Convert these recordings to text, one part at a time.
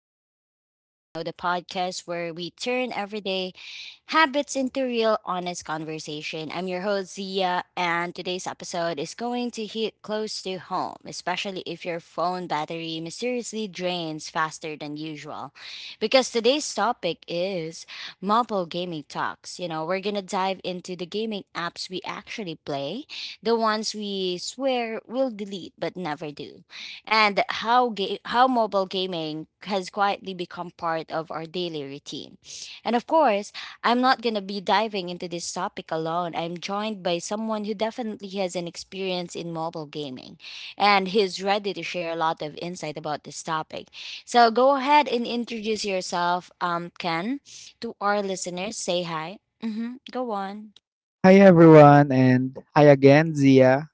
Talk Diaries, you know, the podcast where we turn everyday habits into real, honest conversation. I'm your host, Zia, and today's episode is going to hit close to home, especially if your phone battery mysteriously drains faster than usual. Because today's topic is mobile gaming talks. You know, we're gonna dive into the gaming apps we actually play, the ones we swear we'll delete but never do, and how mobile gaming has quietly become part of our daily routine. And of course, I'm not going to be diving into this topic alone. I'm joined by someone who definitely has an experience in mobile gaming and he's ready to share a lot of insight about this topic. So go ahead and introduce yourself, Ken, to our listeners. Say hi. Mm-hmm. Go on. Hi everyone and hi again Zia.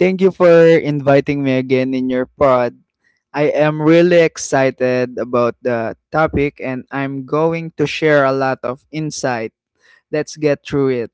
Thank you for inviting me again in your pod. I am really excited about the topic and I'm going to share a lot of insight. Let's get through it.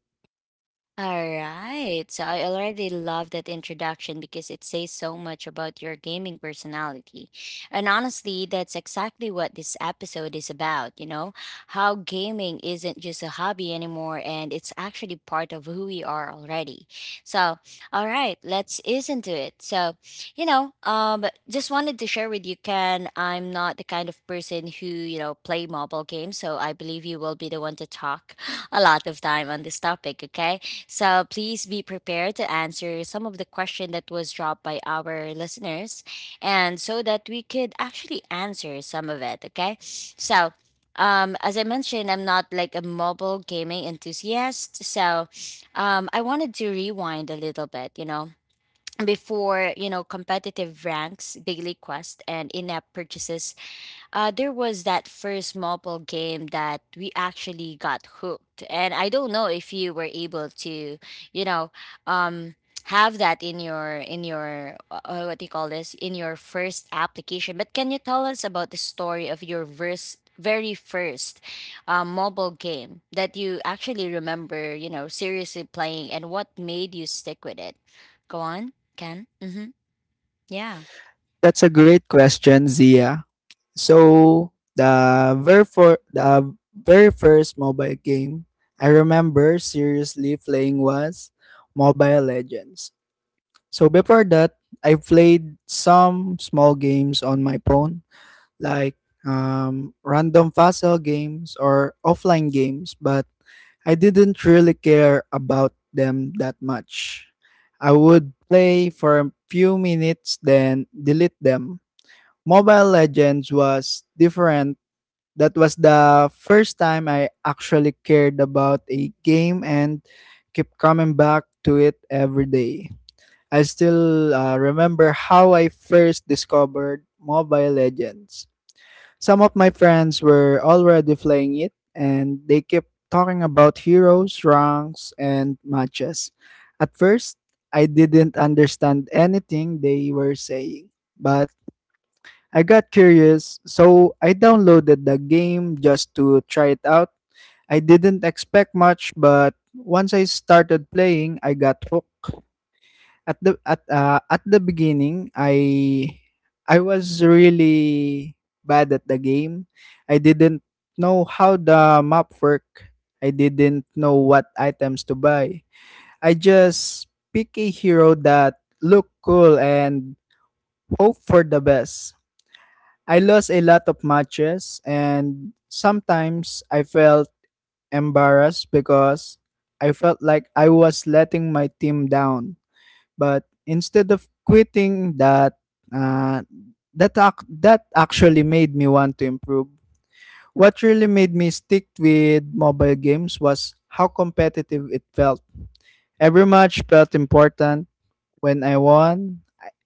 All right. So I already love that introduction because it says so much about your gaming personality. And honestly, that's exactly what this episode is about, you know? How gaming isn't just a hobby anymore and it's actually part of who we are already. So, all right, let's listen to it. So, you know, just wanted to share with you, Ken, I'm not the kind of person who, you know, play mobile games, so I believe you will be the one to talk a lot of time on this topic, okay? So please be prepared to answer some of the question that was dropped by our listeners and so that we could actually answer some of it, okay? So as I mentioned, I'm not like a mobile gaming enthusiast, so I wanted to rewind a little bit, you know, before you know competitive ranks, daily quest, and in-app purchases there was that first mobile game that we actually got hooked, and I don't know if you were able to, you know, um, have that in your what do you call this, in your first application. But can you tell us about the story of very first mobile game that you actually remember, you know, seriously playing, and what made you stick with it? Go on, Ken. Mm-hmm. Yeah. That's a great question, Zia. So, the very for the very first mobile game I remember seriously playing was Mobile Legends. So before that, I played some small games on my phone, like random puzzle games or offline games, but I didn't really care about them that much. I would play for a few minutes, then delete them. Mobile Legends was different. That was the first time I actually cared about a game and kept coming back to it every day. I still remember how I first discovered Mobile Legends. Some of my friends were already playing it and they kept talking about heroes, ranks, and matches. At first, I didn't understand anything they were saying, but I got curious, so I downloaded the game just to try it out. I didn't expect much, but once I started playing, I got hooked. At the beginning, I was really bad at the game. I didn't know how the map worked. I didn't know what items to buy. I just pick a hero that look cool and hope for the best. I lost a lot of matches and sometimes I felt embarrassed because I felt like I was letting my team down. But instead of quitting uh, that actually made me want to improve. What really made me stick with mobile games was how competitive it felt. Every match felt important. When I won,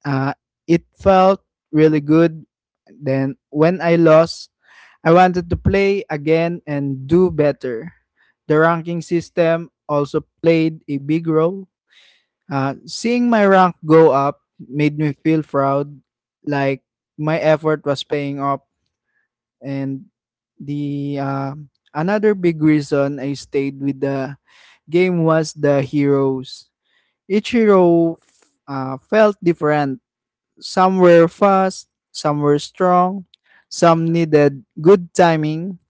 uh, it felt really good. Then when I lost, I wanted to play again and do better. The ranking system also played a big role. Seeing my rank go up made me feel proud, like my effort was paying off. And the another big reason I stayed with the game was the heroes. Each hero felt different. Some were fast, some were strong, some needed good timing.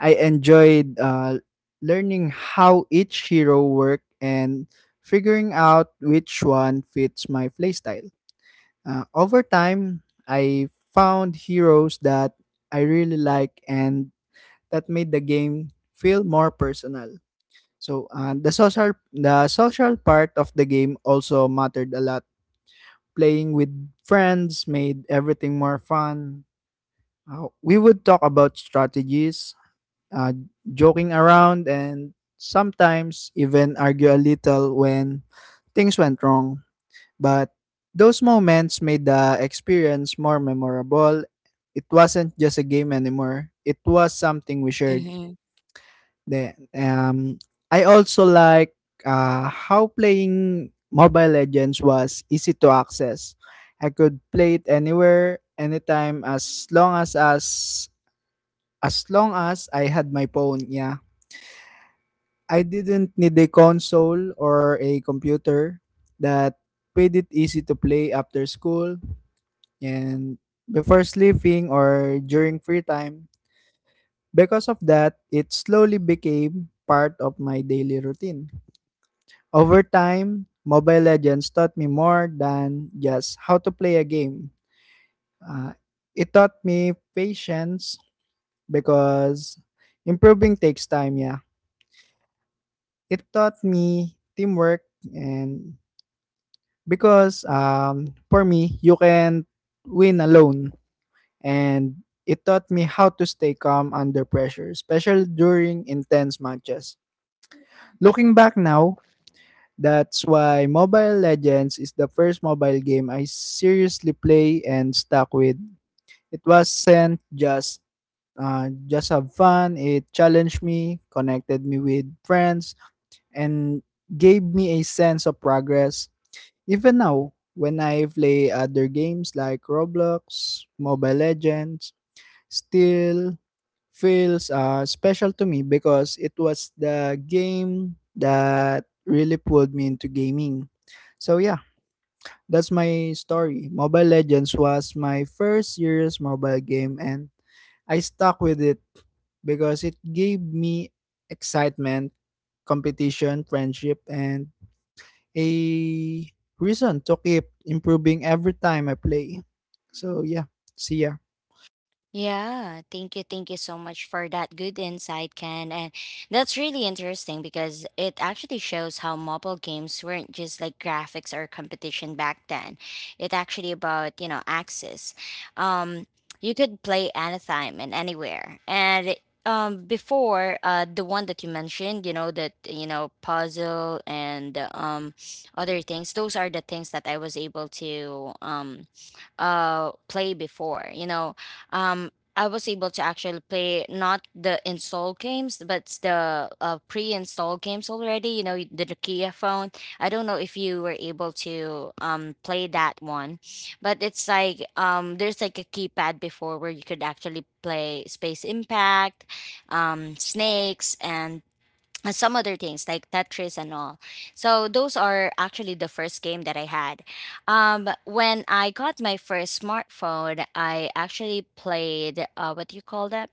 I enjoyed learning how each hero worked and figuring out which one fits my playstyle. Over time, I found heroes that I really like and that made the game feel more personal. So the social part of the game also mattered a lot. Playing with friends made everything more fun. We would talk about strategies, uh, joking around, and sometimes even argue a little when things went wrong. But those moments made the experience more memorable. It wasn't just a game anymore, it was something we shared. Then, I also like how playing Mobile Legends was easy to access. I could play it anywhere, anytime, as long as I had my phone. Yeah, I didn't need a console or a computer that made it easy to play after school and before sleeping or during free time. Because of that, it slowly became part of my daily routine. Over time, Mobile Legends taught me more than just how to play a game. Uh, it taught me patience because improving takes time, yeah. It taught me teamwork and because for me, you can win alone. And it taught me how to stay calm under pressure, especially during intense matches. Looking back now, that's why Mobile Legends is the first mobile game I seriously play and stuck with. It wasn't just have fun. It challenged me, connected me with friends, and gave me a sense of progress. Even now, when I play other games like Roblox, Mobile Legends still feels special to me because it was the game that really pulled me into gaming. So yeah, that's my story. Mobile Legends was my first serious mobile game and I stuck with it because it gave me excitement, competition, friendship and a reason to keep improving every time I play. So yeah, see ya. Yeah, thank you. Thank you so much for that good insight, Ken. And that's really interesting because it actually shows how mobile games weren't just like graphics or competition back then. It actually about, you know, access. Um, you could play anytime and anywhere. Before, the one that you mentioned, you know, that, you know, puzzle and other things, those are the things that I was able to, play before, you know, um I was able to actually play not the install games, but the pre install games already. You know, the Nokia phone. I don't know if you were able to play that one, but it's like there's like a keypad before where you could actually play Space Impact, Snakes, and some other things like Tetris and all. So those are actually the first game that I had. When I got my first smartphone, I actually played, what do you call that?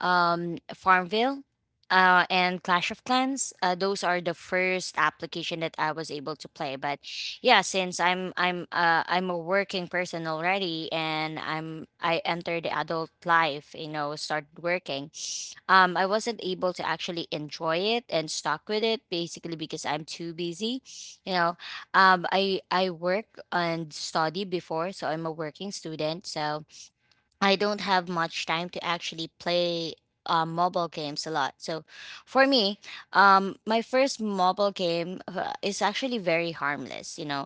Farmville. And Clash of Clans. Those are the first application that I was able to play. But yeah, since I'm a working person already, and I entered the adult life, you know, started working, I wasn't able to actually enjoy it and stuck with it basically because I'm too busy. You know, I work and study before, so I'm a working student. So I don't have much time to actually play mobile games a lot. So for me, my first mobile game is actually very harmless. You know,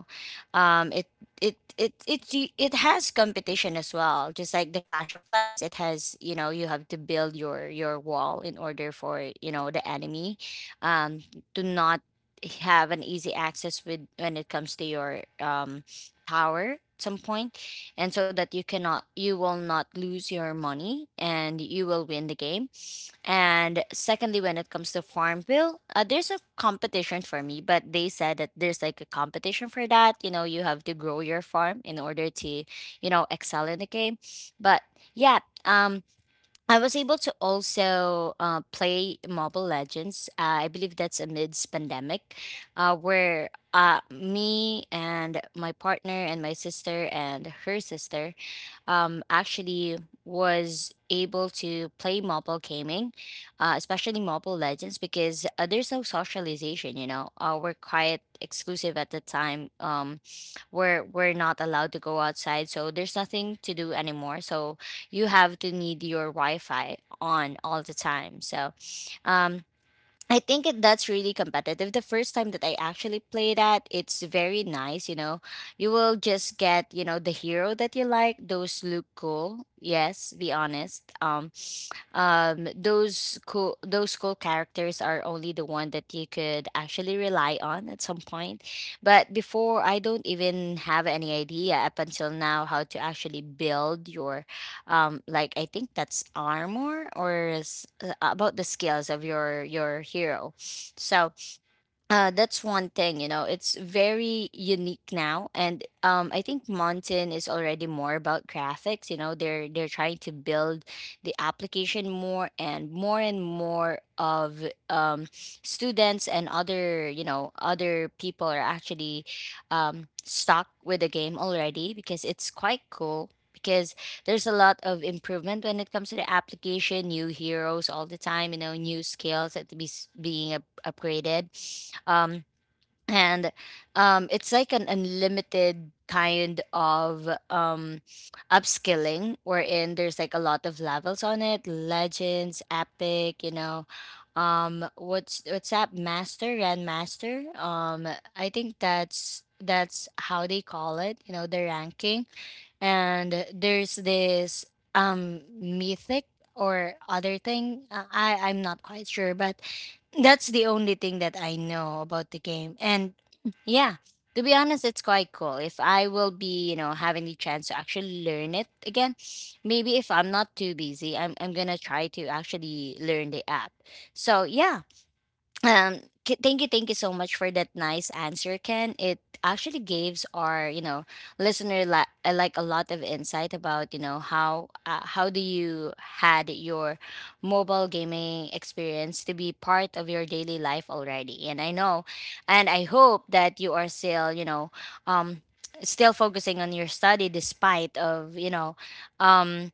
um, it it has competition as well. Just like the Clash of Clans, it has, you know, you have to build your wall in order for, you know, the enemy, um, to not have an easy access with when it comes to your tower at some point, and so that you cannot, you will not lose your money and you will win the game. And secondly, when it comes to Farmville, there's a competition for me, but they said that there's like a competition for that. You know, you have to grow your farm in order to, you know, excel in the game. But yeah, um I was able to also play Mobile Legends. I believe that's amidst pandemic, where me and my partner and my sister and her sister, actually was able to play mobile gaming, especially Mobile Legends, because there's no socialization. You know, we're quite exclusive at the time. We're not allowed to go outside, so there's nothing to do anymore. So you have to need your Wi-Fi on all the time. So, um, I think that's really competitive. The first time that I actually played that, it's very nice, you know. You will just get, you know, the hero that you like. Those look cool. Yes, be honest. Those cool characters are only the one that you could actually rely on at some point. But before, I don't even have any idea up until now how to actually build your like, I think that's armor, or is, about the skills of your hero. So that's one thing, you know, it's very unique now. And I think Mountain is already more about graphics, you know, they're trying to build the application more and more and more of students, and other, you know, other people are actually, stuck with the game already because it's quite cool. Because there's a lot of improvement when it comes to the application, new heroes all the time, you know, new skills that to being upgraded. Um, and it's like an unlimited kind of upskilling, wherein there's like a lot of levels on it: legends, epic, you know, what's that, master, grandmaster, I think that's how they call it, you know, the ranking. And there's this mythic or other thing. I'm not quite sure, but that's the only thing that I know about the game. And yeah, to be honest, it's quite cool. If I will be, you know, having the chance to actually learn it again, maybe if I'm not too busy, I'm gonna try to actually learn the app. So yeah, thank you so much for that nice answer, Ken. It actually gives our, you know, listener like a lot of insight about, you know, how do you had your mobile gaming experience to be part of your daily life already. And I know and I hope that you are still, you know, um still focusing on your study, despite of, you know, um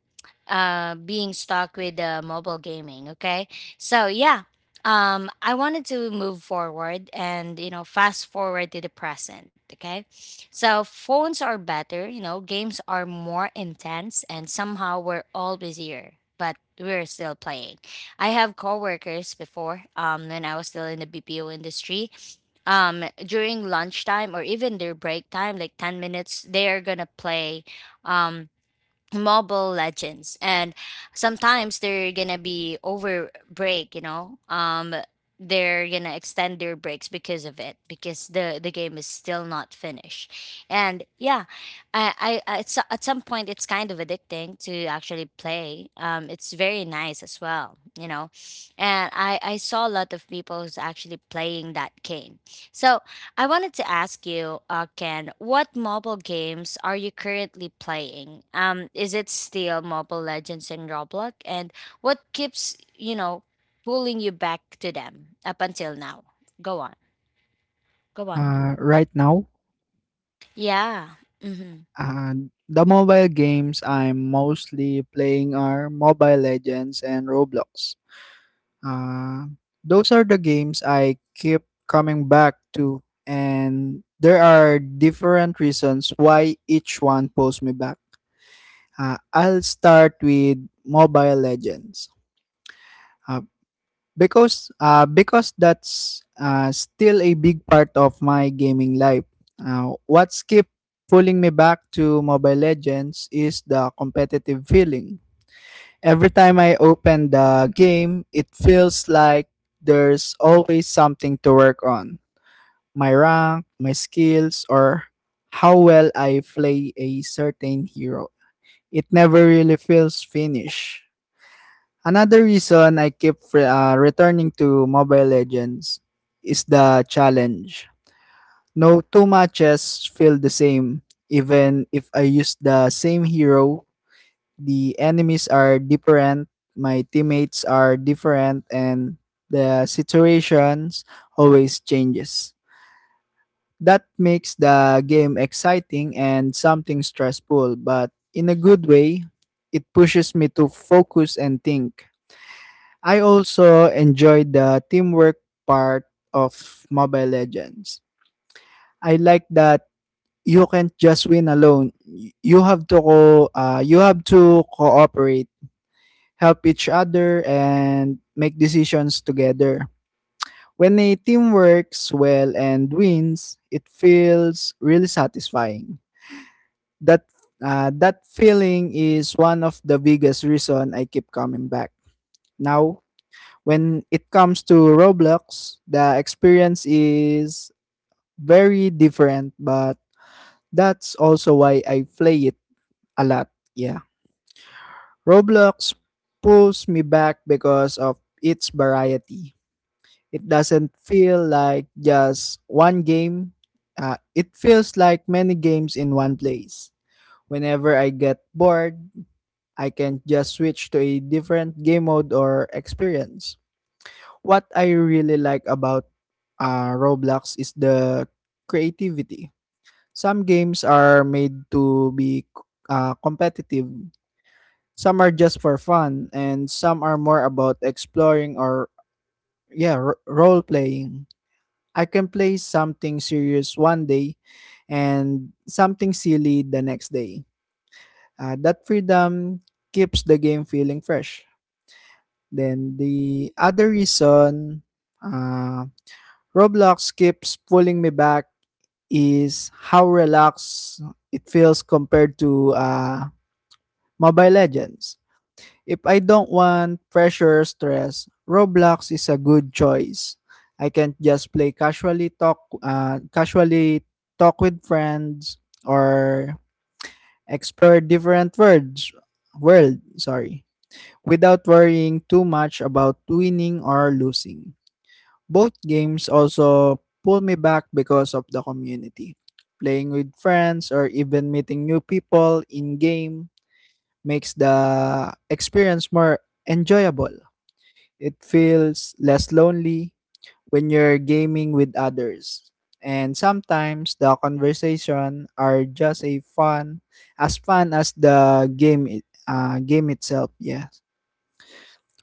being stuck with mobile gaming, okay? So yeah, I wanted to move forward and, you know, fast forward to the present, okay? So phones are better, you know, games are more intense, and somehow we're all busier, but we're still playing. I have coworkers before, when I was still in the BPO industry, during lunchtime or even their break time, like 10 minutes, they're gonna play um Mobile Legends. And sometimes they're gonna be over break, you know, they're gonna extend their breaks because of it, because the game is still not finished. And yeah, at some point it's kind of addicting to actually play. It's very nice as well, you know. And I saw a lot of people who's actually playing that game. So I wanted to ask you, Ken, what mobile games are you currently playing? Is it still Mobile Legends and Roblox? And what keeps, you know, pulling you back to them up until now? Go on, go on. Right now, Yeah. Mm-hmm. uh, the mobile games I'm mostly playing are Mobile Legends and Roblox. Uh, those are the games I keep coming back to, and there are different reasons why each one pulls me back. I'll start with Mobile Legends. Uh, because that's still a big part of my gaming life. What's keep pulling me back to Mobile Legends is the competitive feeling. Every time I open the game, it feels like there's always something to work on. My rank, my skills, or how well I play a certain hero. It never really feels finished. Another reason I keep returning to Mobile Legends is the challenge. No two matches feel the same. Even if I use the same hero, the enemies are different, my teammates are different, and the situations always changes. That makes the game exciting and something stressful, but in a good way, it pushes me to focus and think. I also enjoyed the teamwork part of Mobile Legends. I like that you can't just win alone. You have to co- you have to cooperate, help each other and make decisions together. When a team works well and wins, it feels really satisfying. That that feeling is one of the biggest reason I keep coming back. Now when it comes to Roblox, the experience is very different, but that's also why I play it a lot. Yeah. Roblox pulls me back because of its variety. It doesn't feel like just one game, it feels like many games in one place. Whenever I get bored, I can just switch to a different game mode or experience. What I really like about Roblox is the creativity. Some games are made to be competitive. Some are just for fun, and some are more about exploring or yeah, role playing. I can play something serious one day, and something silly the next day. That freedom keeps the game feeling fresh. Then the other reason, uh, Roblox keeps pulling me back is how relaxed it feels compared to Mobile Legends. If I don't want pressure or stress, Roblox is a good choice. I can just play casually talk with friends or explore different worlds, sorry, without worrying too much about winning or losing. Both games also pull me back because of the community. Playing with friends or even meeting new people in game makes the experience more enjoyable. It feels less lonely when you're gaming with others. And sometimes the conversation are just a fun as the game itself. Yes.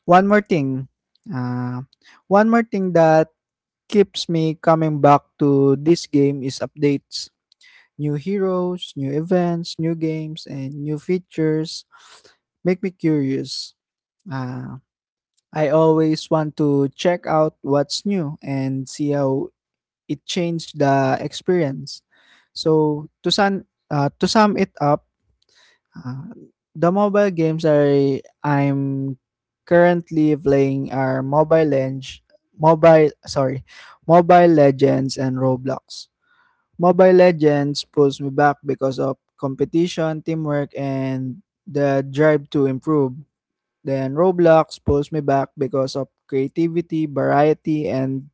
One more thing. Uh, One more thing that keeps me coming back to this game is updates. New heroes, new events, new games, and new features make me curious. Uh, I always want to check out what's new and see how it changed the experience. So to sum it up, uh, the mobile games I'm currently playing are Mobile sorry, Mobile Legends and Roblox. Mobile Legends pulls me back because of competition, teamwork, and the drive to improve. Then Roblox pulls me back because of creativity, variety, and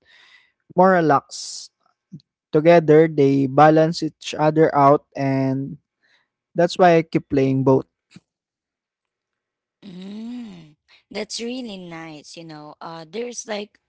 moral locks. Together, they balance each other out, and that's why I keep playing both. Mm, that's really nice, you know. There's like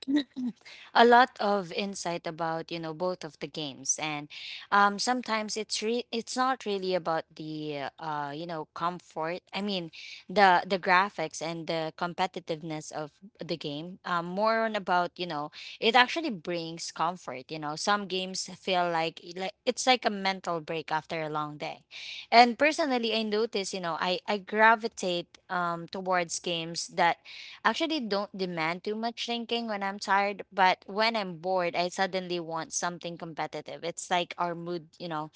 a lot of insight about, you know, both of the games. And sometimes it's not really about the you know, comfort. I mean, the graphics and the competitiveness of the game. More on about, you know, it actually brings comfort, you know. Some games feel it's like a mental break after a long day. And personally, I notice, you know, I gravitate towards games that actually don't demand too much thinking when I'm tired. But when I'm bored, I suddenly want something competitive. It's like our mood, you know,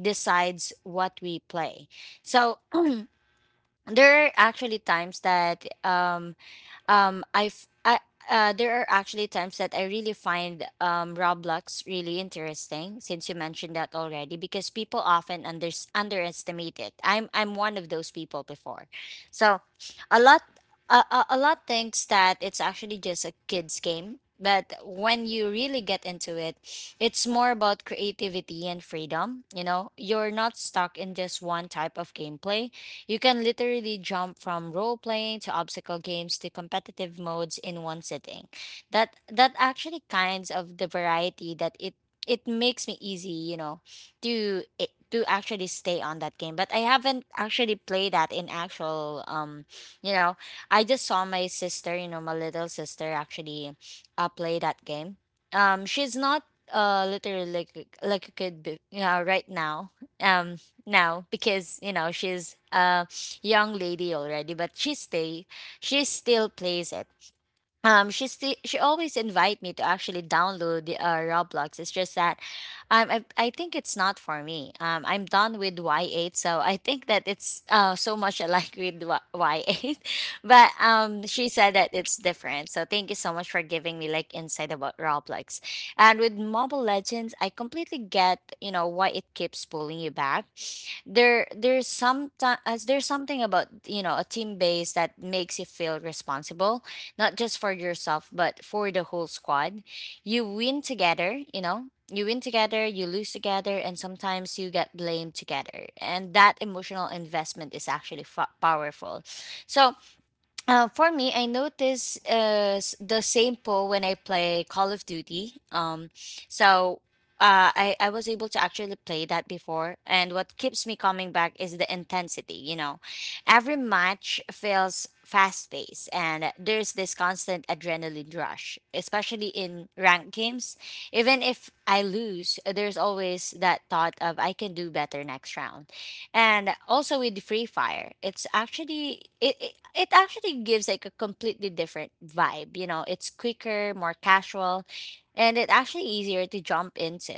decides what we play. So there are actually times that I f- I there are actually times that I really find Roblox really interesting, since you mentioned that already, because people often underestimate it. I'm one of those people before, so a lot a lot thinks that it's actually just a kids game, but when you really get into it, it's more about creativity and freedom. You know, you're not stuck in just one type of gameplay. You can literally jump from role playing to obstacle games to competitive modes in one sitting. That actually kinds of the variety that it makes me easy, you know, to to actually stay on that game. But I haven't actually played that in actual you know, I just saw my sister, you know, my little sister actually play that game. She's not literally like a yeah, right now. Um Now, because you know she's a young lady already, but she still plays it. She still she always invite me to actually download the roblox. It's just that I think it's not for me. I'm done with Y8, so I think that it's so much alike with Y8. But she said that it's different. So thank you so much for giving me like insight about Roblox. And with Mobile Legends, I completely get you know why it keeps pulling you back. There there's some there's something about you know a team base that makes you feel responsible, not just for yourself but for the whole squad. you win together, you know, you win together, you lose together, and sometimes you get blamed together. And that emotional investment is actually powerful. So for me, I notice the same pull when I play Call of Duty. So I was able to actually play that before, and what keeps me coming back is the intensity. You know, every match feels fast paced, and there's this constant adrenaline rush, especially in ranked games. Even if I lose, there's always that thought of I can do better next round. And also with free fire, it's actually it actually gives like a completely different vibe. You know, it's quicker, more casual, and it actually easier to jump into.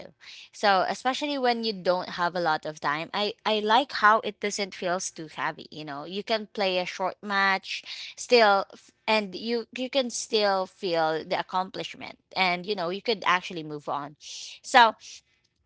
So especially when you don't have a lot of time, I like how it doesn't feels too heavy. You know, you can play a short match, and you can still feel the accomplishment, and you know you could actually move on. So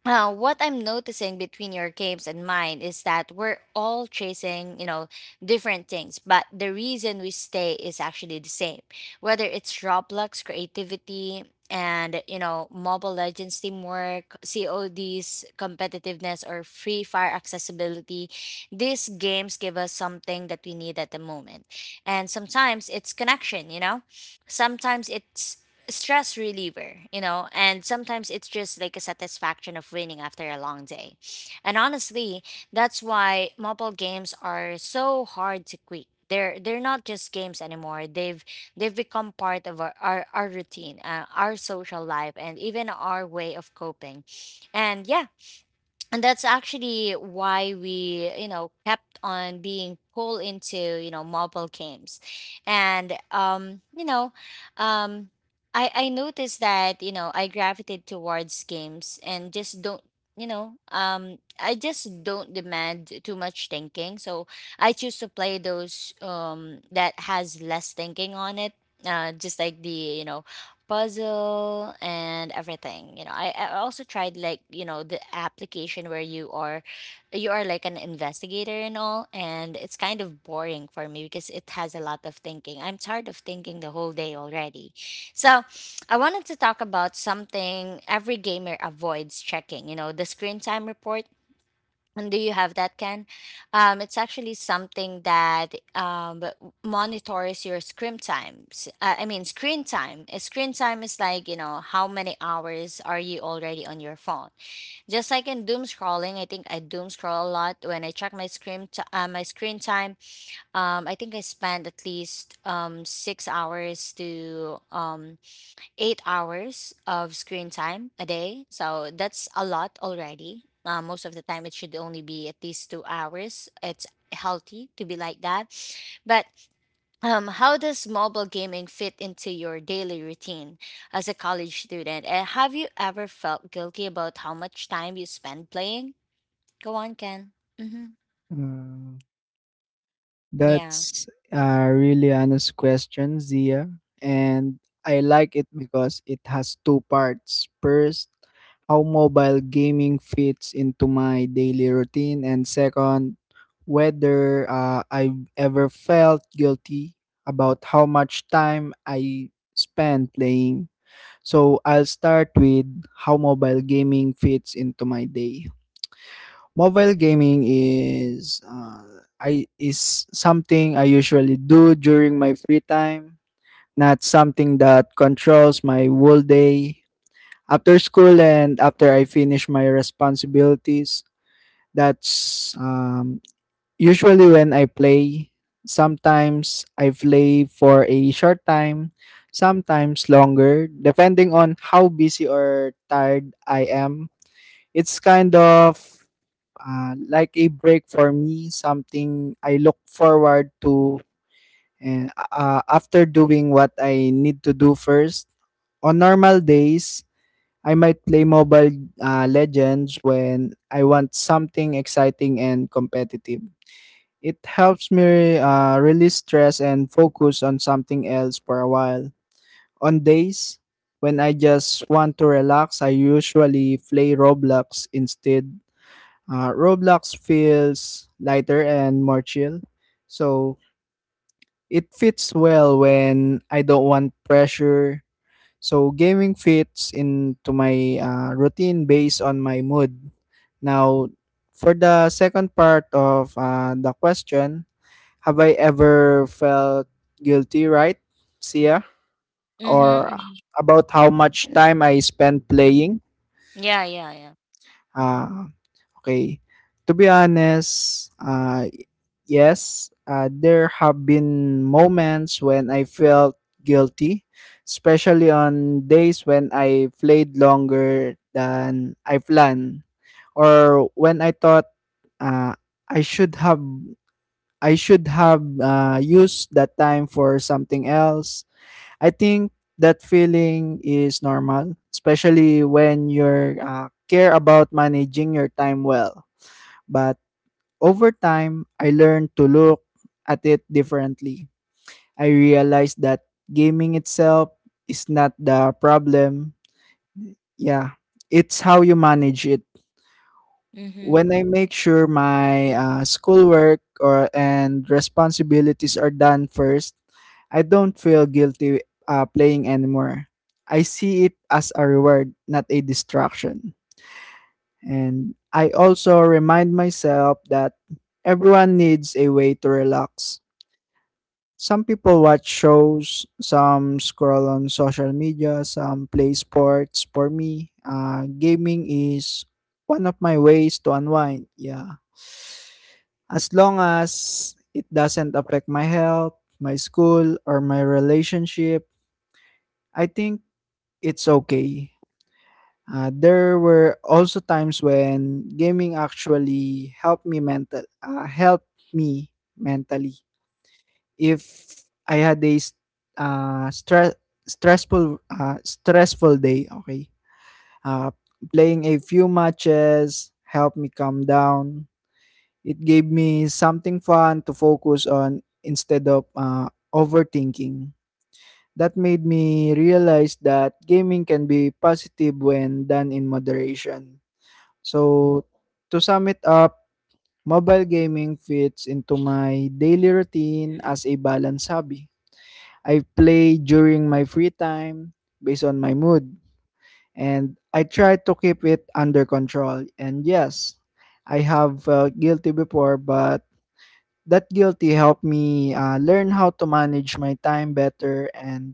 what I'm noticing between your games and mine is that we're all chasing, you know, different things, but the reason we stay is actually the same. Whether it's Roblox creativity and, you know, Mobile Legends teamwork, CODs competitiveness, or Free Fire accessibility, these games give us something that we need at the moment. And sometimes it's connection, you know? Sometimes it's stress reliever, you know, and sometimes it's just like a satisfaction of winning after a long day. And honestly, that's why mobile games are so hard to quit. They're not just games anymore. They've become part of our routine, our social life, and even our way of coping. And yeah, and that's actually why we you know kept on being pulled into you know mobile games. And um I noticed that you know I gravitated towards games and just don't, you know I just don't demand too much thinking. So I choose to play those that has less thinking on it. Just like the you know puzzle and everything. You know, I also tried like you know the application where you are like an investigator and all, and it's kind of boring for me because it has a lot of thinking. I'm tired of thinking the whole day already. So I wanted to talk about something every gamer avoids checking, you know, the screen time report. And do you have that, Ken? It's actually something that monitors your screen times. I mean, screen time. Screen time is like, you know, how many hours are you already on your phone? Just like in doom scrolling, I think I doom scroll a lot. When I check my my screen time, I think I spend at least 6 hours to 8 hours of screen time a day. So that's a lot already. Most of the time, it should only be at least 2 hours. It's healthy to be like that. But how does mobile gaming fit into your daily routine as a college student? And have you ever felt guilty about how much time you spend playing? Go on, Ken. Mm-hmm. Mm. Yeah. That's a really honest question, Zia. And I like it because it has two parts. First, how mobile gaming fits into my daily routine, and second, whether I've ever felt guilty about how much time I spend playing. So I'll start with how mobile gaming fits into my day. Mobile gaming is I is something I usually do during my free time, not something that controls my whole day. After school and after I finish my responsibilities, that's usually when I play. Sometimes I play for a short time, sometimes longer, depending on how busy or tired I am. It's kind of like a break for me, something I look forward to and after doing what I need to do first. On normal days, I might play Mobile Legends when I want something exciting and competitive. It helps me release stress and focus on something else for a while. On days when I just want to relax, I usually play Roblox instead. Roblox feels lighter and more chill. So it fits well when I don't want pressure. So gaming fits into my routine based on my mood. Now, for the second part of the question, have I ever felt guilty, right, Sia? Mm-hmm. Or Mm-hmm. about how much time I spend playing? Yeah, yeah, yeah. Uh, Okay. To be honest, yes, there have been moments when I felt guilty, especially on days when I played longer than I planned, or when I thought uh, I should have I should have used that time for something else. I think that feeling is normal, especially when you're care about managing your time well. But over time, I learned to look at it differently. I realized that gaming itself is not the problem. Yeah, it's how you manage it. Mm-hmm. When I make sure my schoolwork or and responsibilities are done first, I don't feel guilty playing anymore. I see it as a reward, not a distraction. And I also remind myself that everyone needs a way to relax. Some people watch shows, some scroll on social media, some play sports. For me, gaming is one of my ways to unwind. Yeah. As long as it doesn't affect my health, my school, or my relationship, I think it's okay. There were also times when gaming actually helped me helped me mentally. If I had a s ah, stre stressful day, okay. Ah, Playing a few matches helped me calm down. It gave me something fun to focus on instead of, overthinking. That made me realize that gaming can be positive when done in moderation. So, to sum it up, mobile gaming fits into my daily routine as a balanced hobby. I play during my free time based on my mood, and I try to keep it under control. And yes, I have felt guilty before, but that guilty helped me learn how to manage my time better. And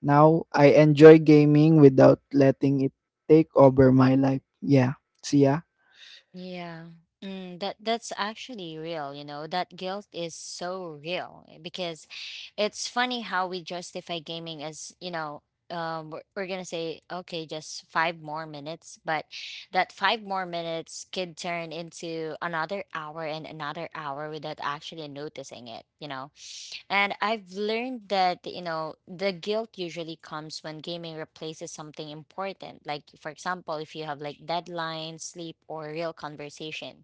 now I enjoy gaming without letting it take over my life. Yeah. See ya. Yeah. Mm, that's actually real, you know. That guilt is so real eh, because it's funny how we justify gaming as, you know, we're going to say okay, just 5 more minutes, but that 5 more minutes could turn into another hour and another hour without actually noticing it, you know. And I've learned that, you know, the guilt usually comes when gaming replaces something important. Like, for example, if you have like deadlines, sleep, or real conversation.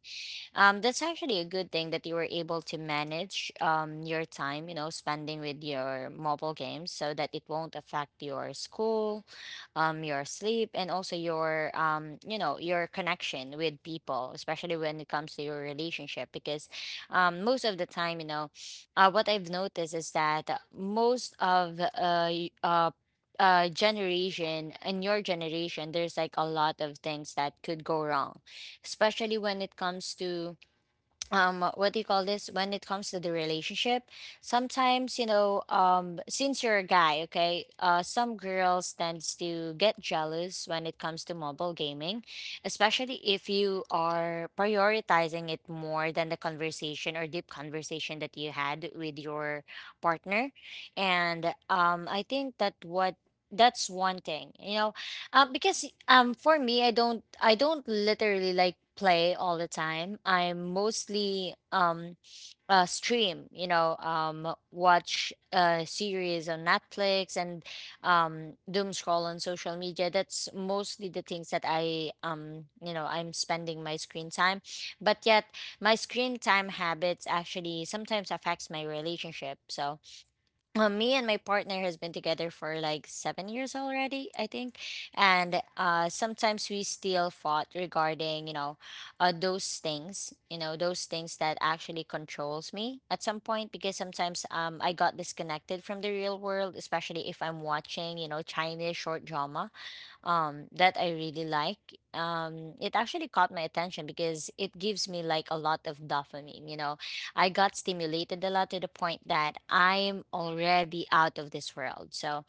That's actually a good thing that you were able to manage your time, you know, spending with your mobile games so that it won't affect your school, your sleep, and also your, you know, your connection with people, especially when it comes to your relationship. Because most of the time, you know, what I've noticed is that most of y- generation in your generation, there's like a lot of things that could go wrong, especially when it comes to, what do you call this, when it comes to the relationship. Sometimes, you know, since you're a guy, okay, some girls tends to get jealous when it comes to mobile gaming, especially if you are prioritizing it more than the conversation or deep conversation that you had with your partner. And I think that what that's one thing, you know. Because for me, I don't literally like play all the time. I'm mostly stream, you know, watch series on Netflix, and doom scroll on social media. That's mostly the things that I you know, I'm spending my screen time. But yet my screen time habits actually sometimes affects my relationship. So me and my partner has been together for like 7 years already, I think, and sometimes we still fought regarding, you know, those things, you know, those things that actually controls me at some point, because sometimes I got disconnected from the real world, especially if I'm watching you know Chinese short drama that I really like. It actually caught my attention because it gives me like a lot of dopamine. You know, I got stimulated a lot to the point that I'm already out of this world. So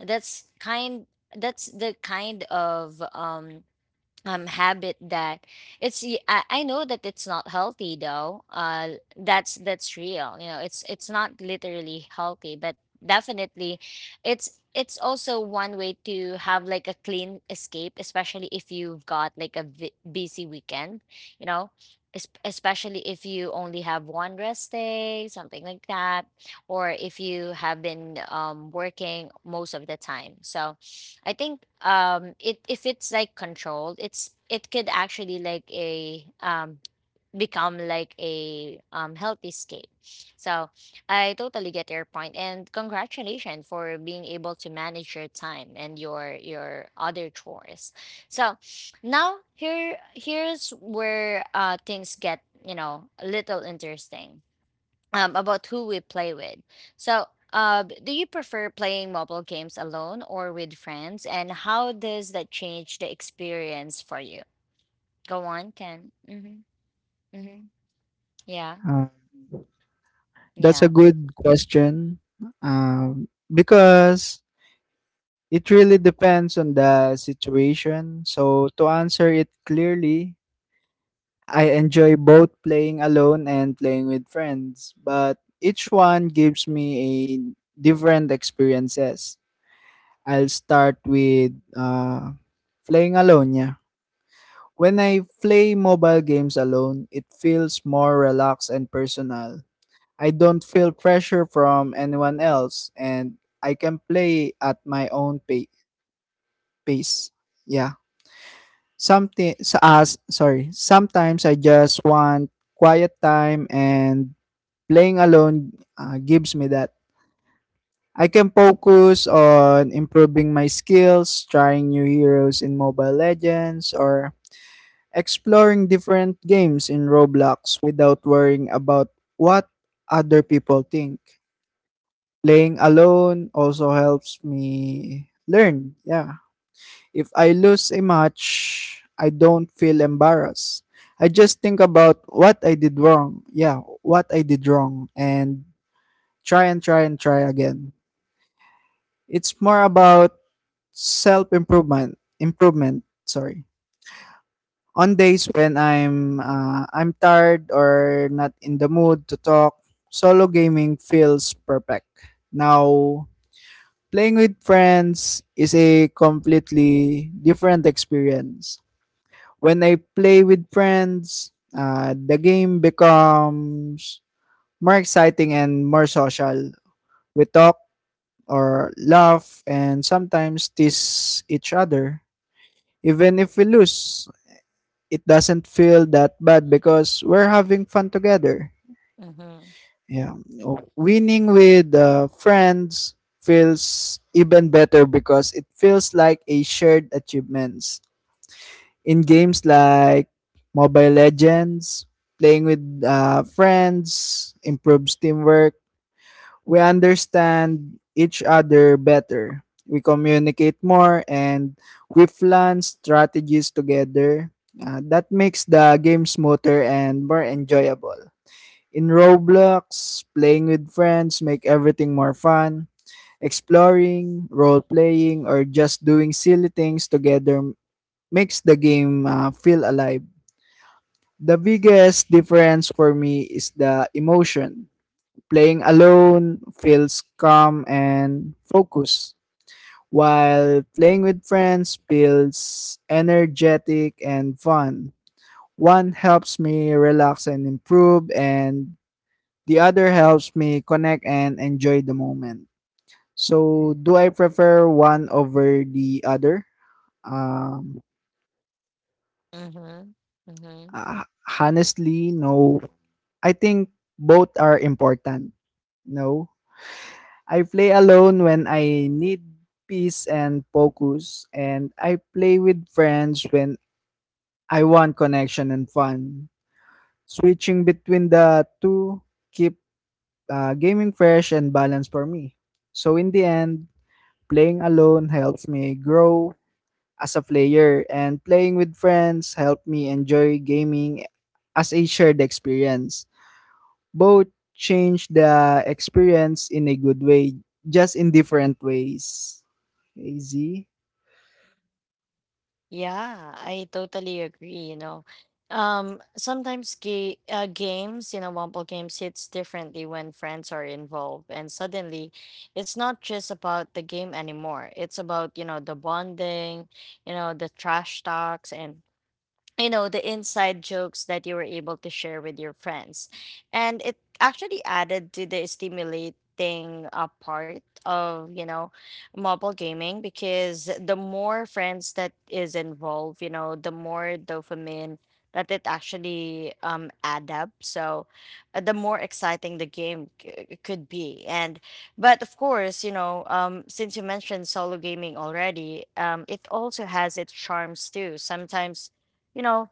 that's kind. That's the kind of habit that I know that it's not healthy though. That's real, you know. It's not literally healthy, but definitely it's also one way to have like a clean escape, especially if you've got like a busy weekend, you know. Especially if you only have one rest day, something like that, or if you have been working most of the time. So I think it if it's like controlled, it's it could actually like a become like a healthy escape. So I totally get your point, and congratulations for being able to manage your time and your other chores. So now, here's where things get, you know, a little interesting about who we play with. So, do you prefer playing mobile games alone or with friends? And how does that change the experience for you? Go on, Ken. Mm-hmm. Mm-hmm. Yeah. Uh, that's a Yeah. good question, because it really depends on the situation. So, to answer it clearly, I enjoy both playing alone and playing with friends, but each one gives me a different experiences. I'll start with playing alone, yeah. When I play mobile games alone, it feels more relaxed and personal. I don't feel pressure from anyone else, and I can play at my own pace. Yeah. something sa us sorry sometimes I just want quiet time, and playing alone gives me that. I can focus on improving my skills, trying new heroes in Mobile Legends, or exploring different games in Roblox without worrying about what other people think. Playing alone also helps me learn, yeah. If I lose a match, I don't feel embarrassed. I just think about what I did wrong. Yeah, what I did wrong, and try and try and try again. It's more about Improvement, sorry. On days when I'm tired or not in the mood to talk, solo gaming feels perfect. Now, playing with friends is a completely different experience. When I play with friends, the game becomes more exciting and more social. We talk or laugh and sometimes tease each other. Even if we lose, it doesn't feel that bad because we're having fun together. Mm-hmm. Yeah. Oh, winning with friends feels even better because it feels like a shared achievement. In games like Mobile Legends, playing with friends improves teamwork. We understand each other better. We communicate more, and we plan strategies together. That makes the game smoother and more enjoyable. In Roblox, playing with friends make everything more fun. Exploring, role playing, or just doing silly things together makes the game feel alive. The biggest difference for me is the emotion. Playing alone feels calm and focused, while playing with friends feels energetic and fun. One helps me relax and improve, and the other helps me connect and enjoy the moment. So, do I prefer one over the other? Um, Mm-hmm. Mm-hmm. uh, Honestly, no. I think both are important. No, I play alone when I need peace and focus, and I play with friends when I want connection and fun. Switching between the two keep gaming fresh and balanced for me. So in the end, playing alone helps me grow as a player, and playing with friends help me enjoy gaming as a shared experience. Both change the experience in a good way, just in different ways. Easy. Yeah, I totally agree. You know, sometimes games, you know, Wumble games hits differently when friends are involved, and suddenly, it's not just about the game anymore. It's about, the bonding, the trash talks, and the inside jokes that you were able to share with your friends. And it actually added to the stimulating part of, mobile gaming, because the more friends that is involved, the more dopamine that it actually add up. So the more exciting the game could be. And but of course, since you mentioned solo gaming already, it also has its charms too sometimes. you know,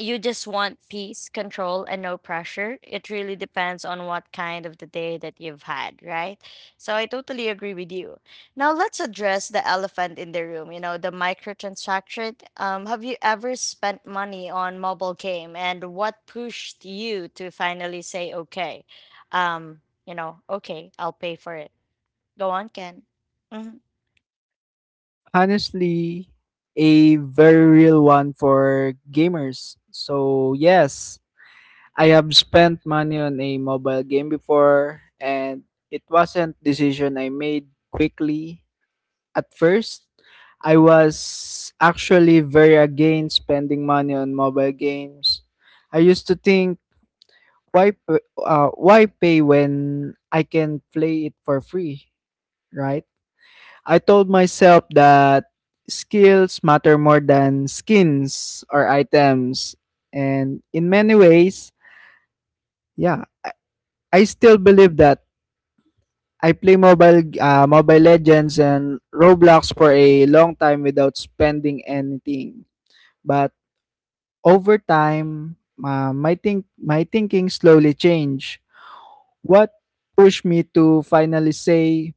you just want peace, control, and no pressure. It really depends on what kind of the day that you've had, right? So I totally agree with you. Now let's address the elephant in the room, the microtransaction. Have you ever spent money on mobile game, and what pushed you to finally say, okay, okay, I'll pay for it? Go on, Ken. Hmm. Honestly, a very real one for gamers. So yes, I have spent money on a mobile game before, and it wasn't decision I made quickly. At first, I was actually very against spending money on mobile games. I used to think, why pay when I can play it for free, right? I told myself that skills matter more than skins or items. And in many ways, yeah, I, I still believe that. I play Mobile Legends and Roblox for a long time without spending anything. But over time, my thinking slowly changed. What pushed me to finally say,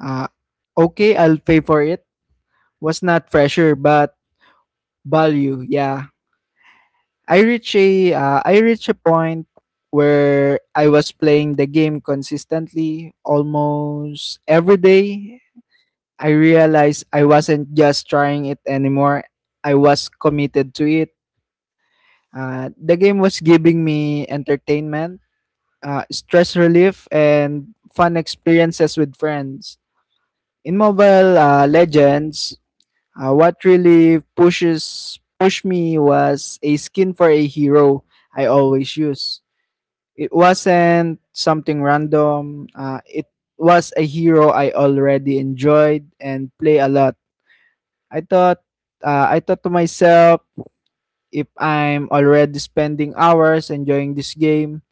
uh, "Okay, I'll pay for it," was not pressure, but value. Yeah, I reached a point where I was playing the game consistently, almost every day. I realized I wasn't just trying it anymore. I was committed to it. The game was giving me entertainment, stress relief, and fun experiences with friends. In Mobile Legends, what really pushes pushed me was a skin for a hero I always use. It wasn't something random. It was a hero I already enjoyed and play a lot. I thought I thought to myself, if I'm already spending hours enjoying this game,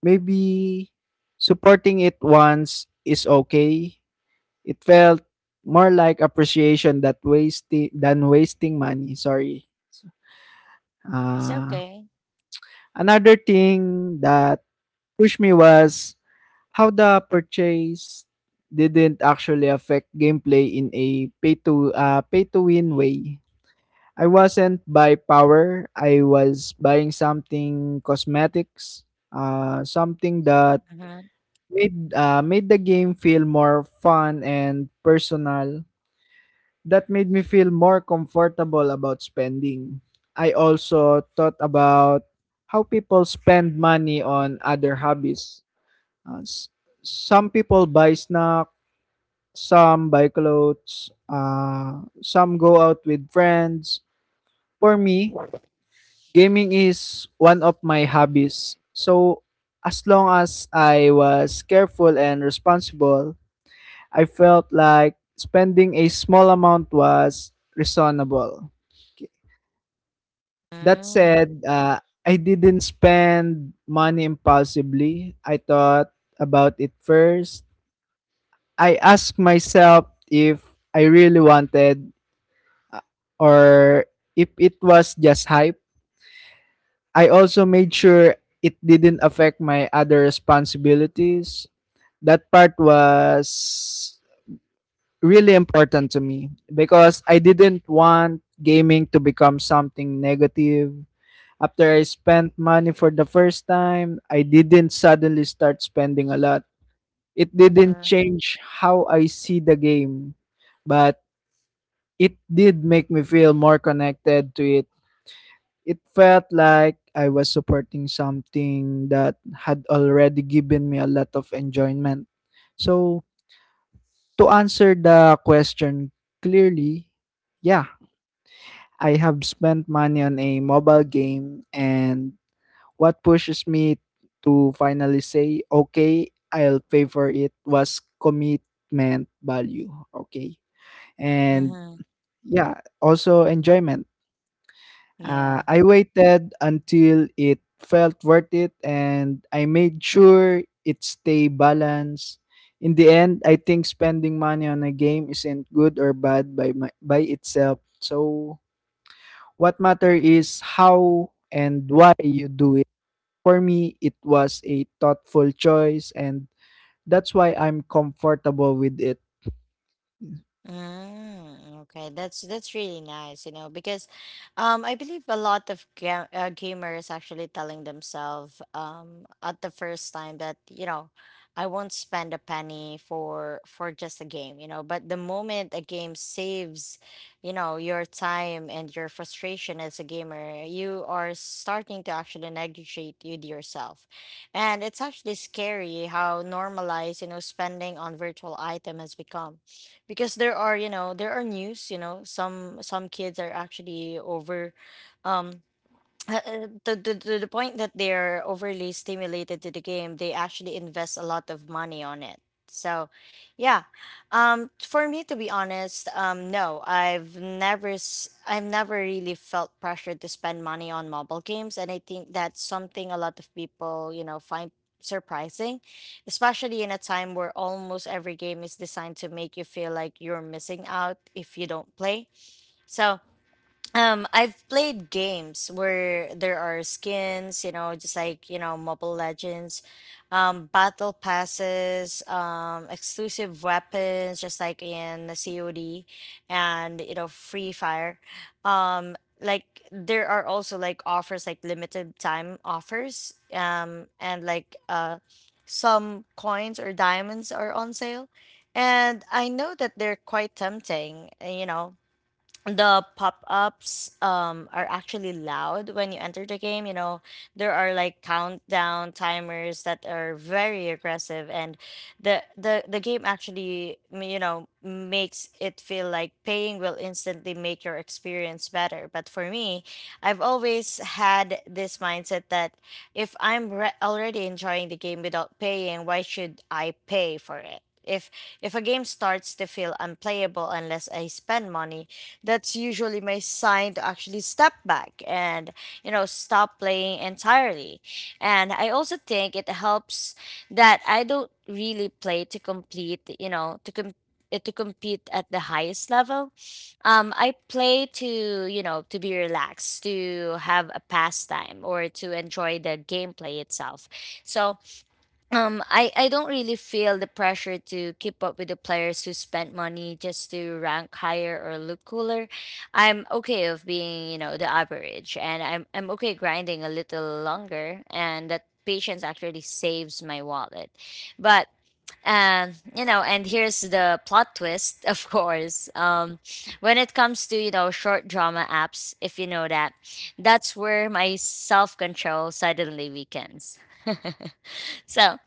maybe supporting it once is okay. It felt more like appreciation that wasting than wasting money. Sorry. It's Uh, okay. another thing that pushed me was how the purchase didn't actually affect gameplay in a pay to win way. I wasn't buy power. I was buying something cosmetics, something that Mm-hmm. made, made the game feel more fun and personal. That made me feel more comfortable about spending. I also thought about how people spend money on other hobbies. Uh, s- some people buy snacks, some buy clothes, some go out with friends. For me, gaming is one of my hobbies. So, as long as I was careful and responsible, I felt like spending a small amount was reasonable. That Mm-hmm. said, I didn't spend money impulsively. I thought about it first. I asked myself if I really wanted, uh, or if it was just hype. I also made sure it didn't affect my other responsibilities. That part was really important to me because I didn't want gaming to become something negative. After I spent money for the first time, I didn't suddenly start spending a lot. It didn't change how I see the game, but it did make me feel more connected to it. It felt like I was supporting something that had already given me a lot of enjoyment. So, to answer the question clearly, yeah, I have spent money on a mobile game, and what pushes me to finally say, okay, I'll pay for it was commitment value. Okay. And Mm-hmm. yeah, also enjoyment. Yeah. I waited until it felt worth it, and I made sure it stay balanced. In the end, I think spending money on a game isn't good or bad by my, by itself. So what matter is how and why you do it. For me, it was a thoughtful choice, and that's why I'm comfortable with it. Mm, okay, that's really nice, you know, because I believe a lot of ga gamers actually telling themselves at the first time that, you know, I won't spend a penny for just a game, you know. But the moment a game saves, you know, your time and your frustration as a gamer, you are starting to actually negotiate with yourself. And it's actually scary how normalized, you know, spending on virtual item has become, because there are, there are news, you know, some kids are actually over, um to the point that they're overly stimulated to the game, they actually invest a lot of money on it. So, yeah, for me, to be honest, no, I've never, I've never really felt pressured to spend money on mobile games, and I think that's something a lot of people, you know, find surprising, especially in a time where almost every game is designed to make you feel like you're missing out if you don't play. So, I've played games where there are skins, you know, just like, you know, Mobile Legends, battle passes, exclusive weapons, just like in the COD and, you know, Free Fire. Um, like, there are also like offers, like limited time offers, and like some coins or diamonds are on sale. And I know that they're quite tempting, you know, the pop-ups are actually loud when you enter the game. You know, there are like countdown timers that are very aggressive, and the game actually, you know, makes it feel like paying will instantly make your experience better. But for me, I've always had this mindset that if I'm already enjoying the game without paying, why should I pay for it? If a game starts to feel unplayable unless I spend money, that's usually my sign to actually step back and, you know, stop playing entirely. And I also think it helps that I don't really play to complete, you know, to compete at the highest level. I play to, you know, to be relaxed, to have a pastime, or to enjoy the gameplay itself. So I, don't really feel the pressure to keep up with the players who spend money just to rank higher or look cooler. I'm okay of being, you know, the average, and I'm okay grinding a little longer, and that patience actually saves my wallet. But you know, and here's the plot twist, of course. When it comes to, you know, short drama apps, if you know that, that's where my self-control suddenly weakens. So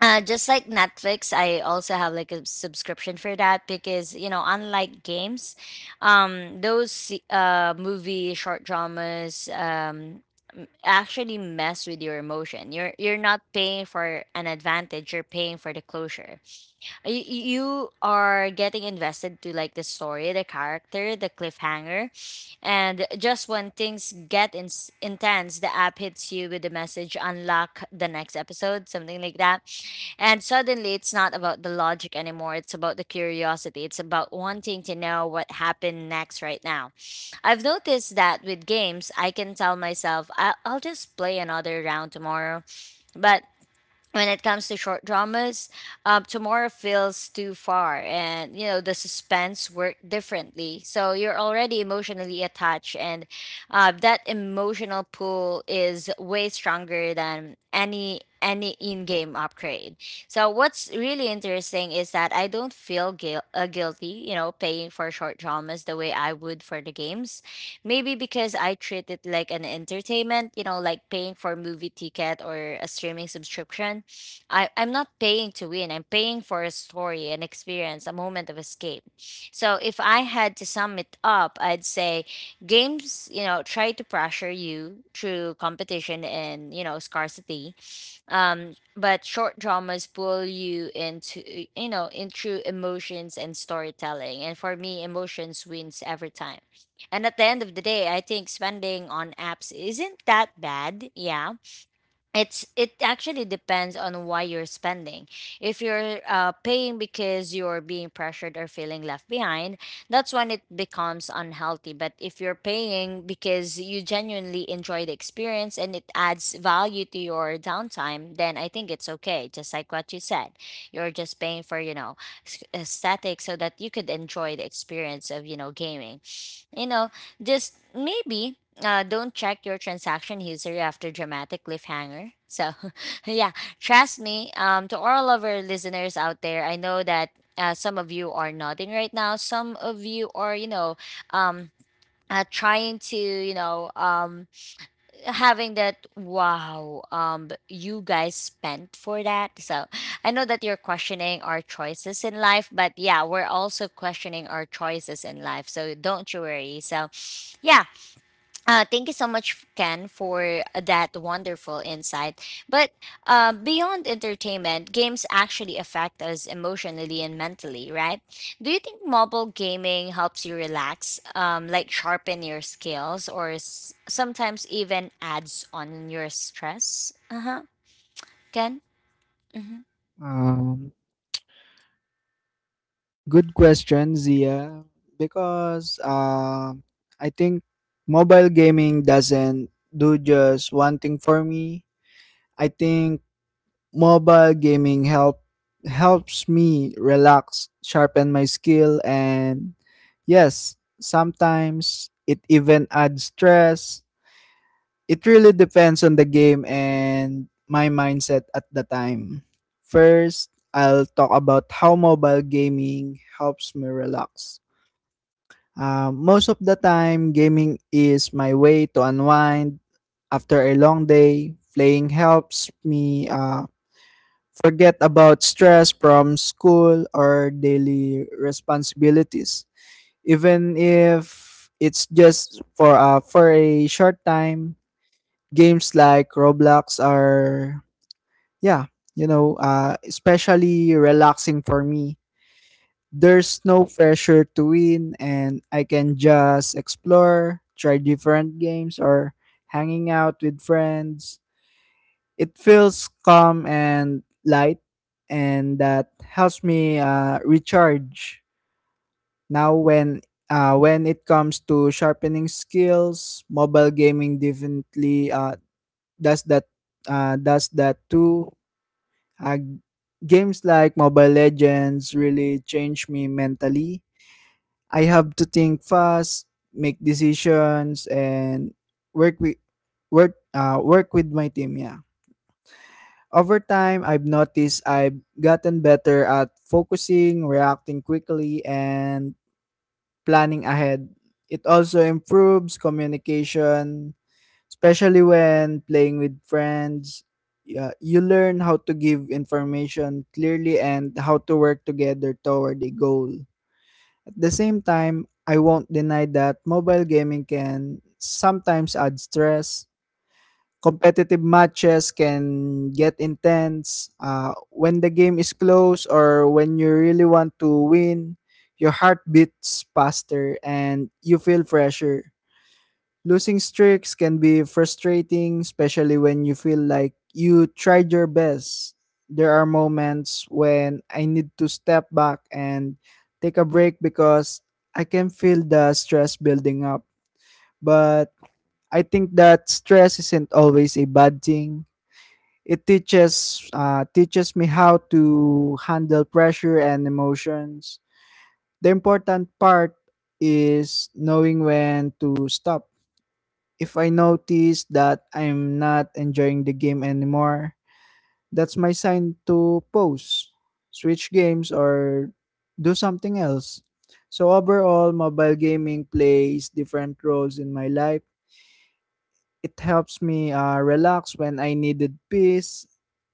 just like Netflix, I also have like a subscription for that, because you know, unlike games, those movie short dramas actually mess with your emotion. You're not paying for an advantage, you're paying for the closure. You are getting invested to like the story, the character, the cliffhanger, and just when things get intense, the app hits you with the message, unlock the next episode, something like that. And suddenly, it's not about the logic anymore. It's about the curiosity. It's about wanting to know what happened next right now. I've noticed that with games, I can tell myself, I'll just play another round tomorrow. But when it comes to short dramas, tomorrow feels too far, and you know, the suspense work differently. So you're already emotionally attached, and that emotional pull is way stronger than any in-game upgrade. So what's really interesting is that I don't feel guilty, you know, paying for short dramas the way I would for the games. Maybe because I treat it like an entertainment, you know, like paying for movie ticket or a streaming subscription. I'm not paying to win. I'm paying for a story, an experience, a moment of escape. So if I had to sum it up, I'd say games, you know, try to pressure you through competition and, you know, scarcity. But short dramas pull you into, you know, into emotions and storytelling. And for me, emotions wins every time. And at the end of the day, I think spending on apps isn't that bad. Yeah, it actually depends on why you're spending. If you're paying because you're being pressured or feeling left behind, that's when it becomes unhealthy. But if you're paying because you genuinely enjoy the experience and it adds value to your downtime, then I think it's okay. Just like what you said, you're just paying for, you know, aesthetic, so that you could enjoy the experience of, you know, gaming. you know, just maybe don't check your transaction history after dramatic cliffhanger. So, yeah, trust me. To all of our listeners out there, I know that some of you are nodding right now. Some of you are, you know, um, trying to, having that wow, you guys spent for that. So, I know that you're questioning our choices in life, but yeah, we're also questioning our choices in life. So, don't you worry. So, yeah. Thank you so much, Ken, for that wonderful insight. But beyond entertainment, games actually affect us emotionally and mentally, right? Do you think mobile gaming helps you relax, like sharpen your skills, or sometimes even adds on your stress? Uh huh. Ken? Mm-hmm. Um, Good question, Zia. Because I think mobile gaming doesn't do just one thing for me. I think MOBA gaming helps me relax, sharpen my skill, and yes, sometimes it even adds stress. It really depends on the game and my mindset at the time. First, I'll talk about how mobile gaming helps me relax. Most of the time, gaming is my way to unwind after a long day. Playing helps me forget about stress from school or daily responsibilities. Even if it's just for a short time, games like Roblox are, yeah, you know, especially relaxing for me. There's no pressure to win, and I can just explore, try different games, or hanging out with friends. It feels calm and light, and that helps me recharge. Now, when it comes to sharpening skills, mobile gaming definitely does that does that too. Uh, games like Mobile Legends really change me mentally. I have to think fast, make decisions, and work with work with my team. Yeah. Over time, I've noticed I've gotten better at focusing, reacting quickly, and planning ahead. It also improves communication, especially when playing with friends. Yeah, you learn how to give information clearly and how to work together toward a goal. At the same time, I won't deny that mobile gaming can sometimes add stress. Competitive matches can get intense. When the game is close or when you really want to win, your heart beats faster and you feel pressure. Losing streaks can be frustrating, especially when you feel like you tried your best. There are moments when I need to step back and take a break because I can feel the stress building up. But I think that stress isn't always a bad thing. It teaches me how to handle pressure and emotions. The important part is knowing when to stop. If I notice that I'm not enjoying the game anymore, that's my sign to pause, switch games, or do something else. So overall, mobile gaming plays different roles in my life, it helps me relax when I needed peace.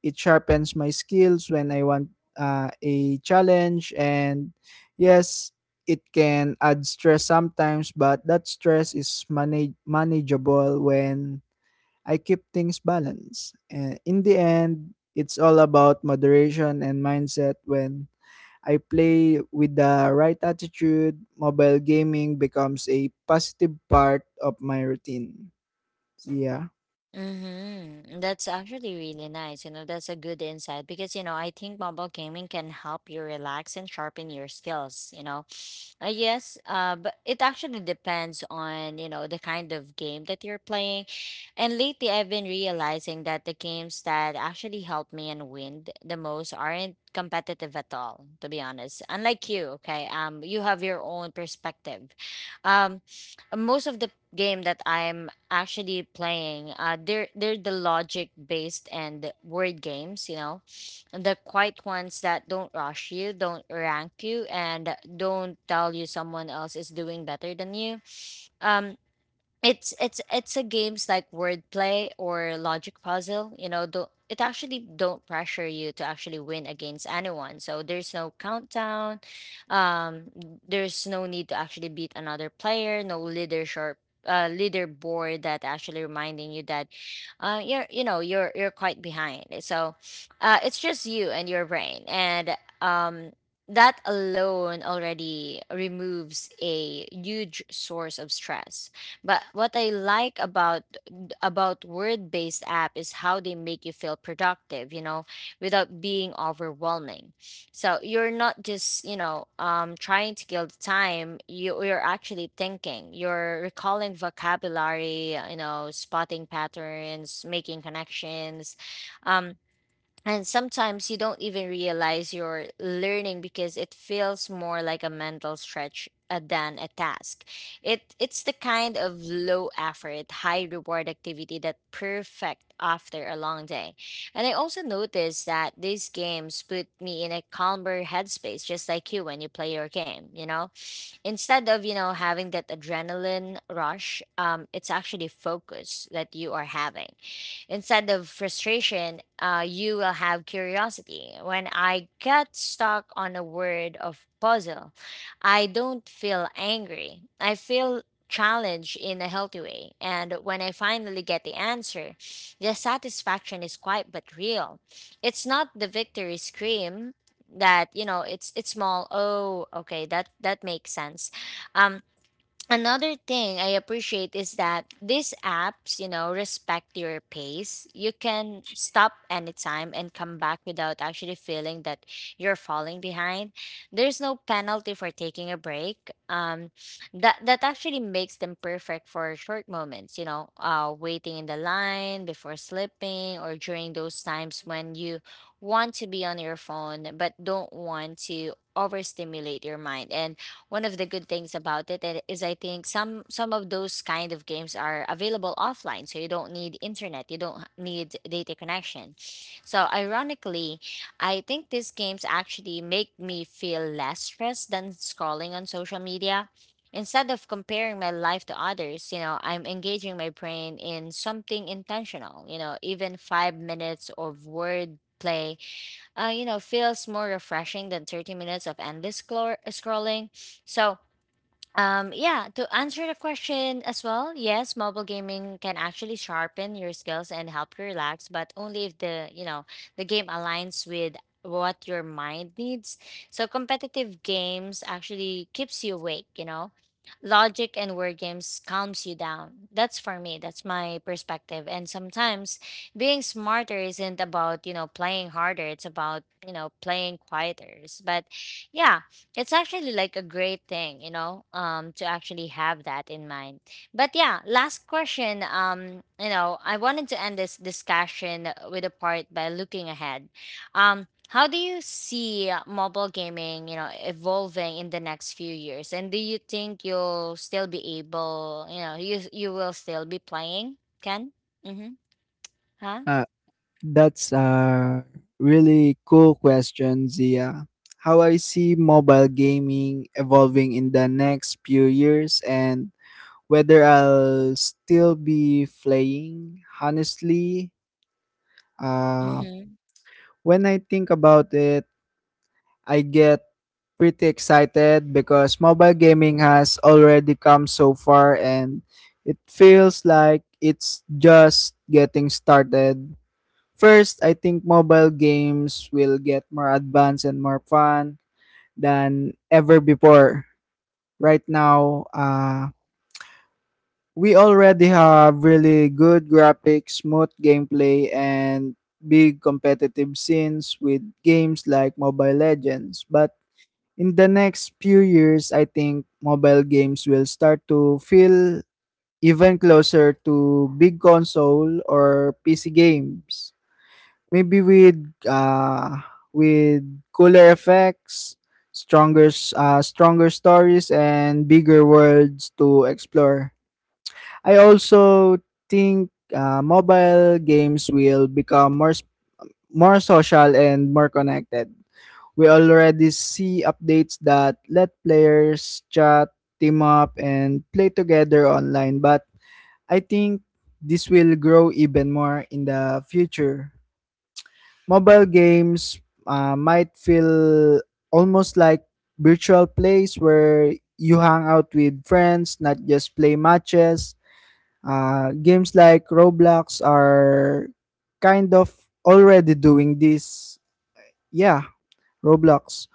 It sharpens my skills when I want a challenge. And yes, it can add stress sometimes, but that stress is manageable when I keep things balanced. And in the end, it's all about moderation and mindset. When I play with the right attitude, mobile gaming becomes a positive part of my routine. Yeah. Mm-hmm. That's actually really nice. You know, that's a good insight because, you know, I think mobile gaming can help you relax and sharpen your skills, you know. Yes, but it actually depends on, you know, the kind of game that you're playing. And lately, I've been realizing that the games that actually help me and win the most aren't competitive at all, to be honest. Unlike you, okay? You have your own perspective. Um, Most of the game that I'm actually playing, they're the logic based and word games, you know, the quiet ones that don't rush you, don't rank you, and don't tell you someone else is doing better than you. Um, it's a games like wordplay or logic puzzle, you know, do it actually don't pressure you to actually win against anyone. So there's no countdown, um there's no need to actually beat another player, no leadership leaderboard that actually reminding you that you're, you're quite behind. So it's just you and your brain, and um that alone already removes a huge source of stress. But what I like about word-based app is how they make you feel productive, you know, without being overwhelming. So you're not just, you know, trying to kill the time. You're actually thinking. You're recalling vocabulary, you know, spotting patterns, making connections. Um and sometimes you don't even realize you're learning, because it feels more like a mental stretch than a task. It's the kind of low effort, high reward activity that perfect after a long day. And I also noticed that these games put me in a calmer headspace, just like you when you play your game. You know, instead of, having that adrenaline rush, it's actually focus that you are having. Instead of frustration, you will have curiosity. When I get stuck on a word of puzzle, I don't feel angry. I feel challenged in a healthy way. And when I finally get the answer, the satisfaction is quite but real. It's not the victory scream. That You know, it's small, oh okay, that makes sense. um Another thing I appreciate is that these apps, you know, respect your pace. You can stop anytime and come back without actually feeling that you're falling behind. There's no penalty for taking a break. That actually makes them perfect for short moments. You know, waiting in the line, before sleeping, or during those times when you want to be on your phone but don't want to overstimulate your mind. And one of the good things about it is, I think some of those kind of games are available offline, so you don't need internet, you don't need data connection. So ironically, I think these games actually make me feel less stressed than scrolling on social media. Instead of comparing my life to others, you know, I'm engaging my brain in something intentional. You know, even 5 minutes of word play, you know, feels more refreshing than 30 minutes of endless scrolling. So, yeah, to answer the question as well, yes, mobile gaming can actually sharpen your skills and help you relax, but only if the, you know, the game aligns with what your mind needs. So competitive games actually keeps you awake, you know. Logic and word games calms you down. That's for me, that's my perspective. And sometimes being smarter isn't about, you know, playing harder, it's about, you know, playing quieter. But yeah, it's actually like a great thing, you know, to actually have that in mind. But yeah, last question. You know, I wanted to end this discussion with a part by looking ahead. How do you see mobile gaming, you know, evolving in the next few years? And do you think you'll still be able, you know, you will still be playing? Ken? Mm-hmm. Huh? Uh, that's a really cool question, Zia. How I see mobile gaming evolving in the next few years and whether I'll still be playing. Honestly, uh, Mm-hmm. when I think about it, I get pretty excited because mobile gaming has already come so far and it feels like it's just getting started. First, I think mobile games will get more advanced and more fun than ever before. Right now, we already have really good graphics, smooth gameplay, and big competitive scenes with games like Mobile Legends. But in the next few years, I think mobile games will start to feel even closer to big console or PC games. Maybe with with cooler effects, stronger stories and bigger worlds to explore. I also think mobile games will become more social and more connected. We already see updates that let players chat, team up, and play together online, but I think this will grow even more in the future. Mobile games might feel almost like virtual place where you hang out with friends, not just play matches. Games like Roblox are kind of already doing this. Yeah, Roblox.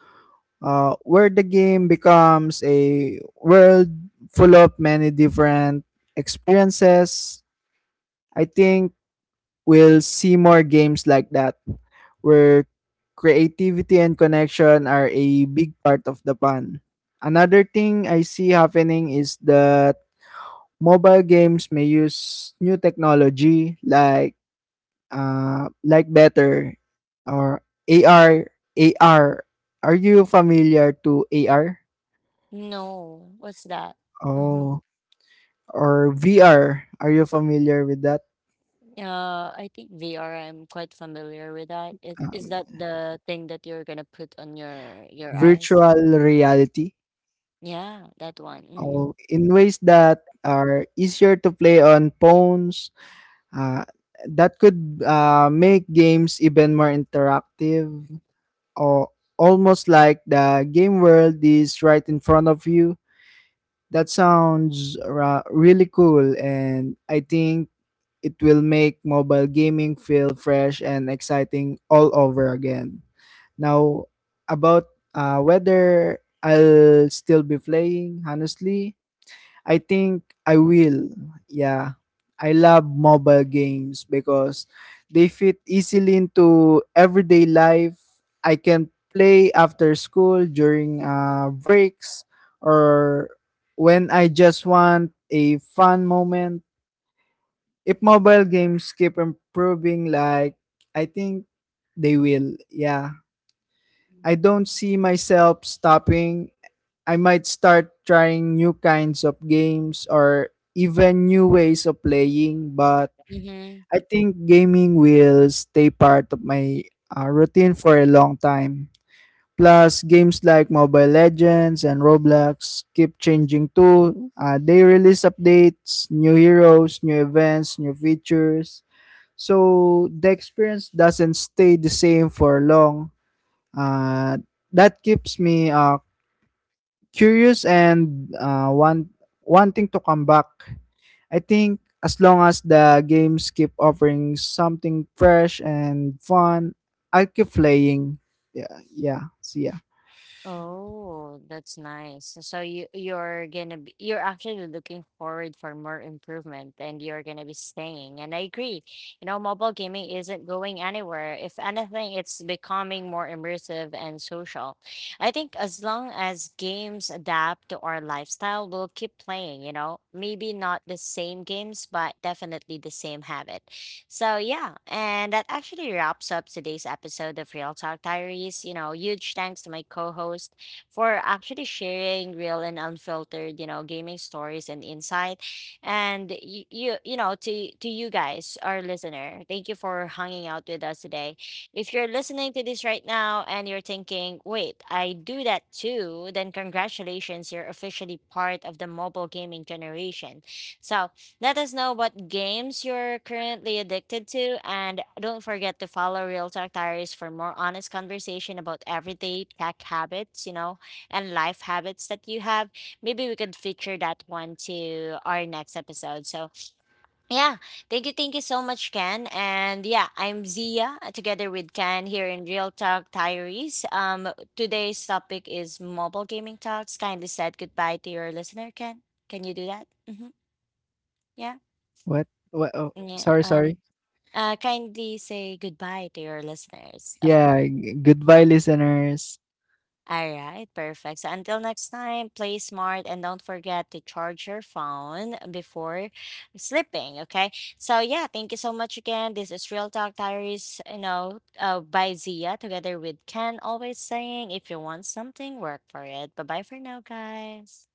Where the game becomes a world full of many different experiences. I think we'll see more games like that, where creativity and connection are a big part of the fun. Another thing I see happening is that mobile games may use new technology like uh, like better or AR AR. Are you familiar to AR? No. What's that? Mm-hmm. Oh, or VR? Are you familiar with that? I think VR, I'm quite familiar with that. Is Um, that the thing that you're gonna put on your eyes? virtual reality. Yeah, that one. Mm-hmm. Oh, in ways that are easier to play on phones, uh, that could make games even more interactive or almost like the game world is right in front of you. That sounds really cool, and I think it will make mobile gaming feel fresh and exciting all over again. Now, about whether I'll still be playing, honestly, I think I will. Yeah. I love mobile games because they fit easily into everyday life. I can play after school during breaks or when I just want a fun moment. If mobile games keep improving, like I think they will. Yeah. I don't see myself stopping. I might start trying new kinds of games or even new ways of playing, but Mm-hmm. I think gaming will stay part of my routine for a long time. Plus, games like Mobile Legends and Roblox keep changing too. They release updates, new heroes, new events, new features. So the experience doesn't stay the same for long. Uh, that keeps me curious and, wanting to come back. I think as long as the games keep offering something fresh and fun, I'll keep playing. Yeah, yeah. See ya. Oh, that's nice. So you're gonna be, you're actually looking forward for more improvement, and you're gonna be staying. And I agree. You know, mobile gaming isn't going anywhere. If anything, it's becoming more immersive and social. I think as long as games adapt to our lifestyle, we'll keep playing, you know. Maybe not the same games, but definitely the same habit. So yeah, and that actually wraps up today's episode of Real Talk Diaries. You know, huge thanks to my co-host for actually sharing real and unfiltered, you know, gaming stories and insight. And you, you know, to you guys, our listener, thank you for hanging out with us today. If you're listening to this right now and you're thinking, wait, I do that too, then congratulations, you're officially part of the mobile gaming generation. So let us know what games you're currently addicted to, and don't forget to follow Real Talk Diaries for more honest conversation about everyday tech habits, you know, and life habits that you have. Maybe we could feature that one to our next episode. So, yeah, thank you so much, Ken. And yeah, I'm Zia together with Ken here in Real Talk Diaries. Today's topic is mobile gaming talks. Kindly said goodbye to your listener, Ken. Can you do that? Mm-hmm. Yeah. What? What? Oh, Yeah. sorry, sorry. Kindly say goodbye to your listeners, of Yeah, course. Goodbye listeners. All right, perfect. So until next time, play smart, and don't forget to charge your phone before sleeping. Okay. So yeah, thank you so much again. This is Real Talk Diaries, you know, by Zia together with Ken. Always saying, if you want something, work for it. Bye bye for now, guys.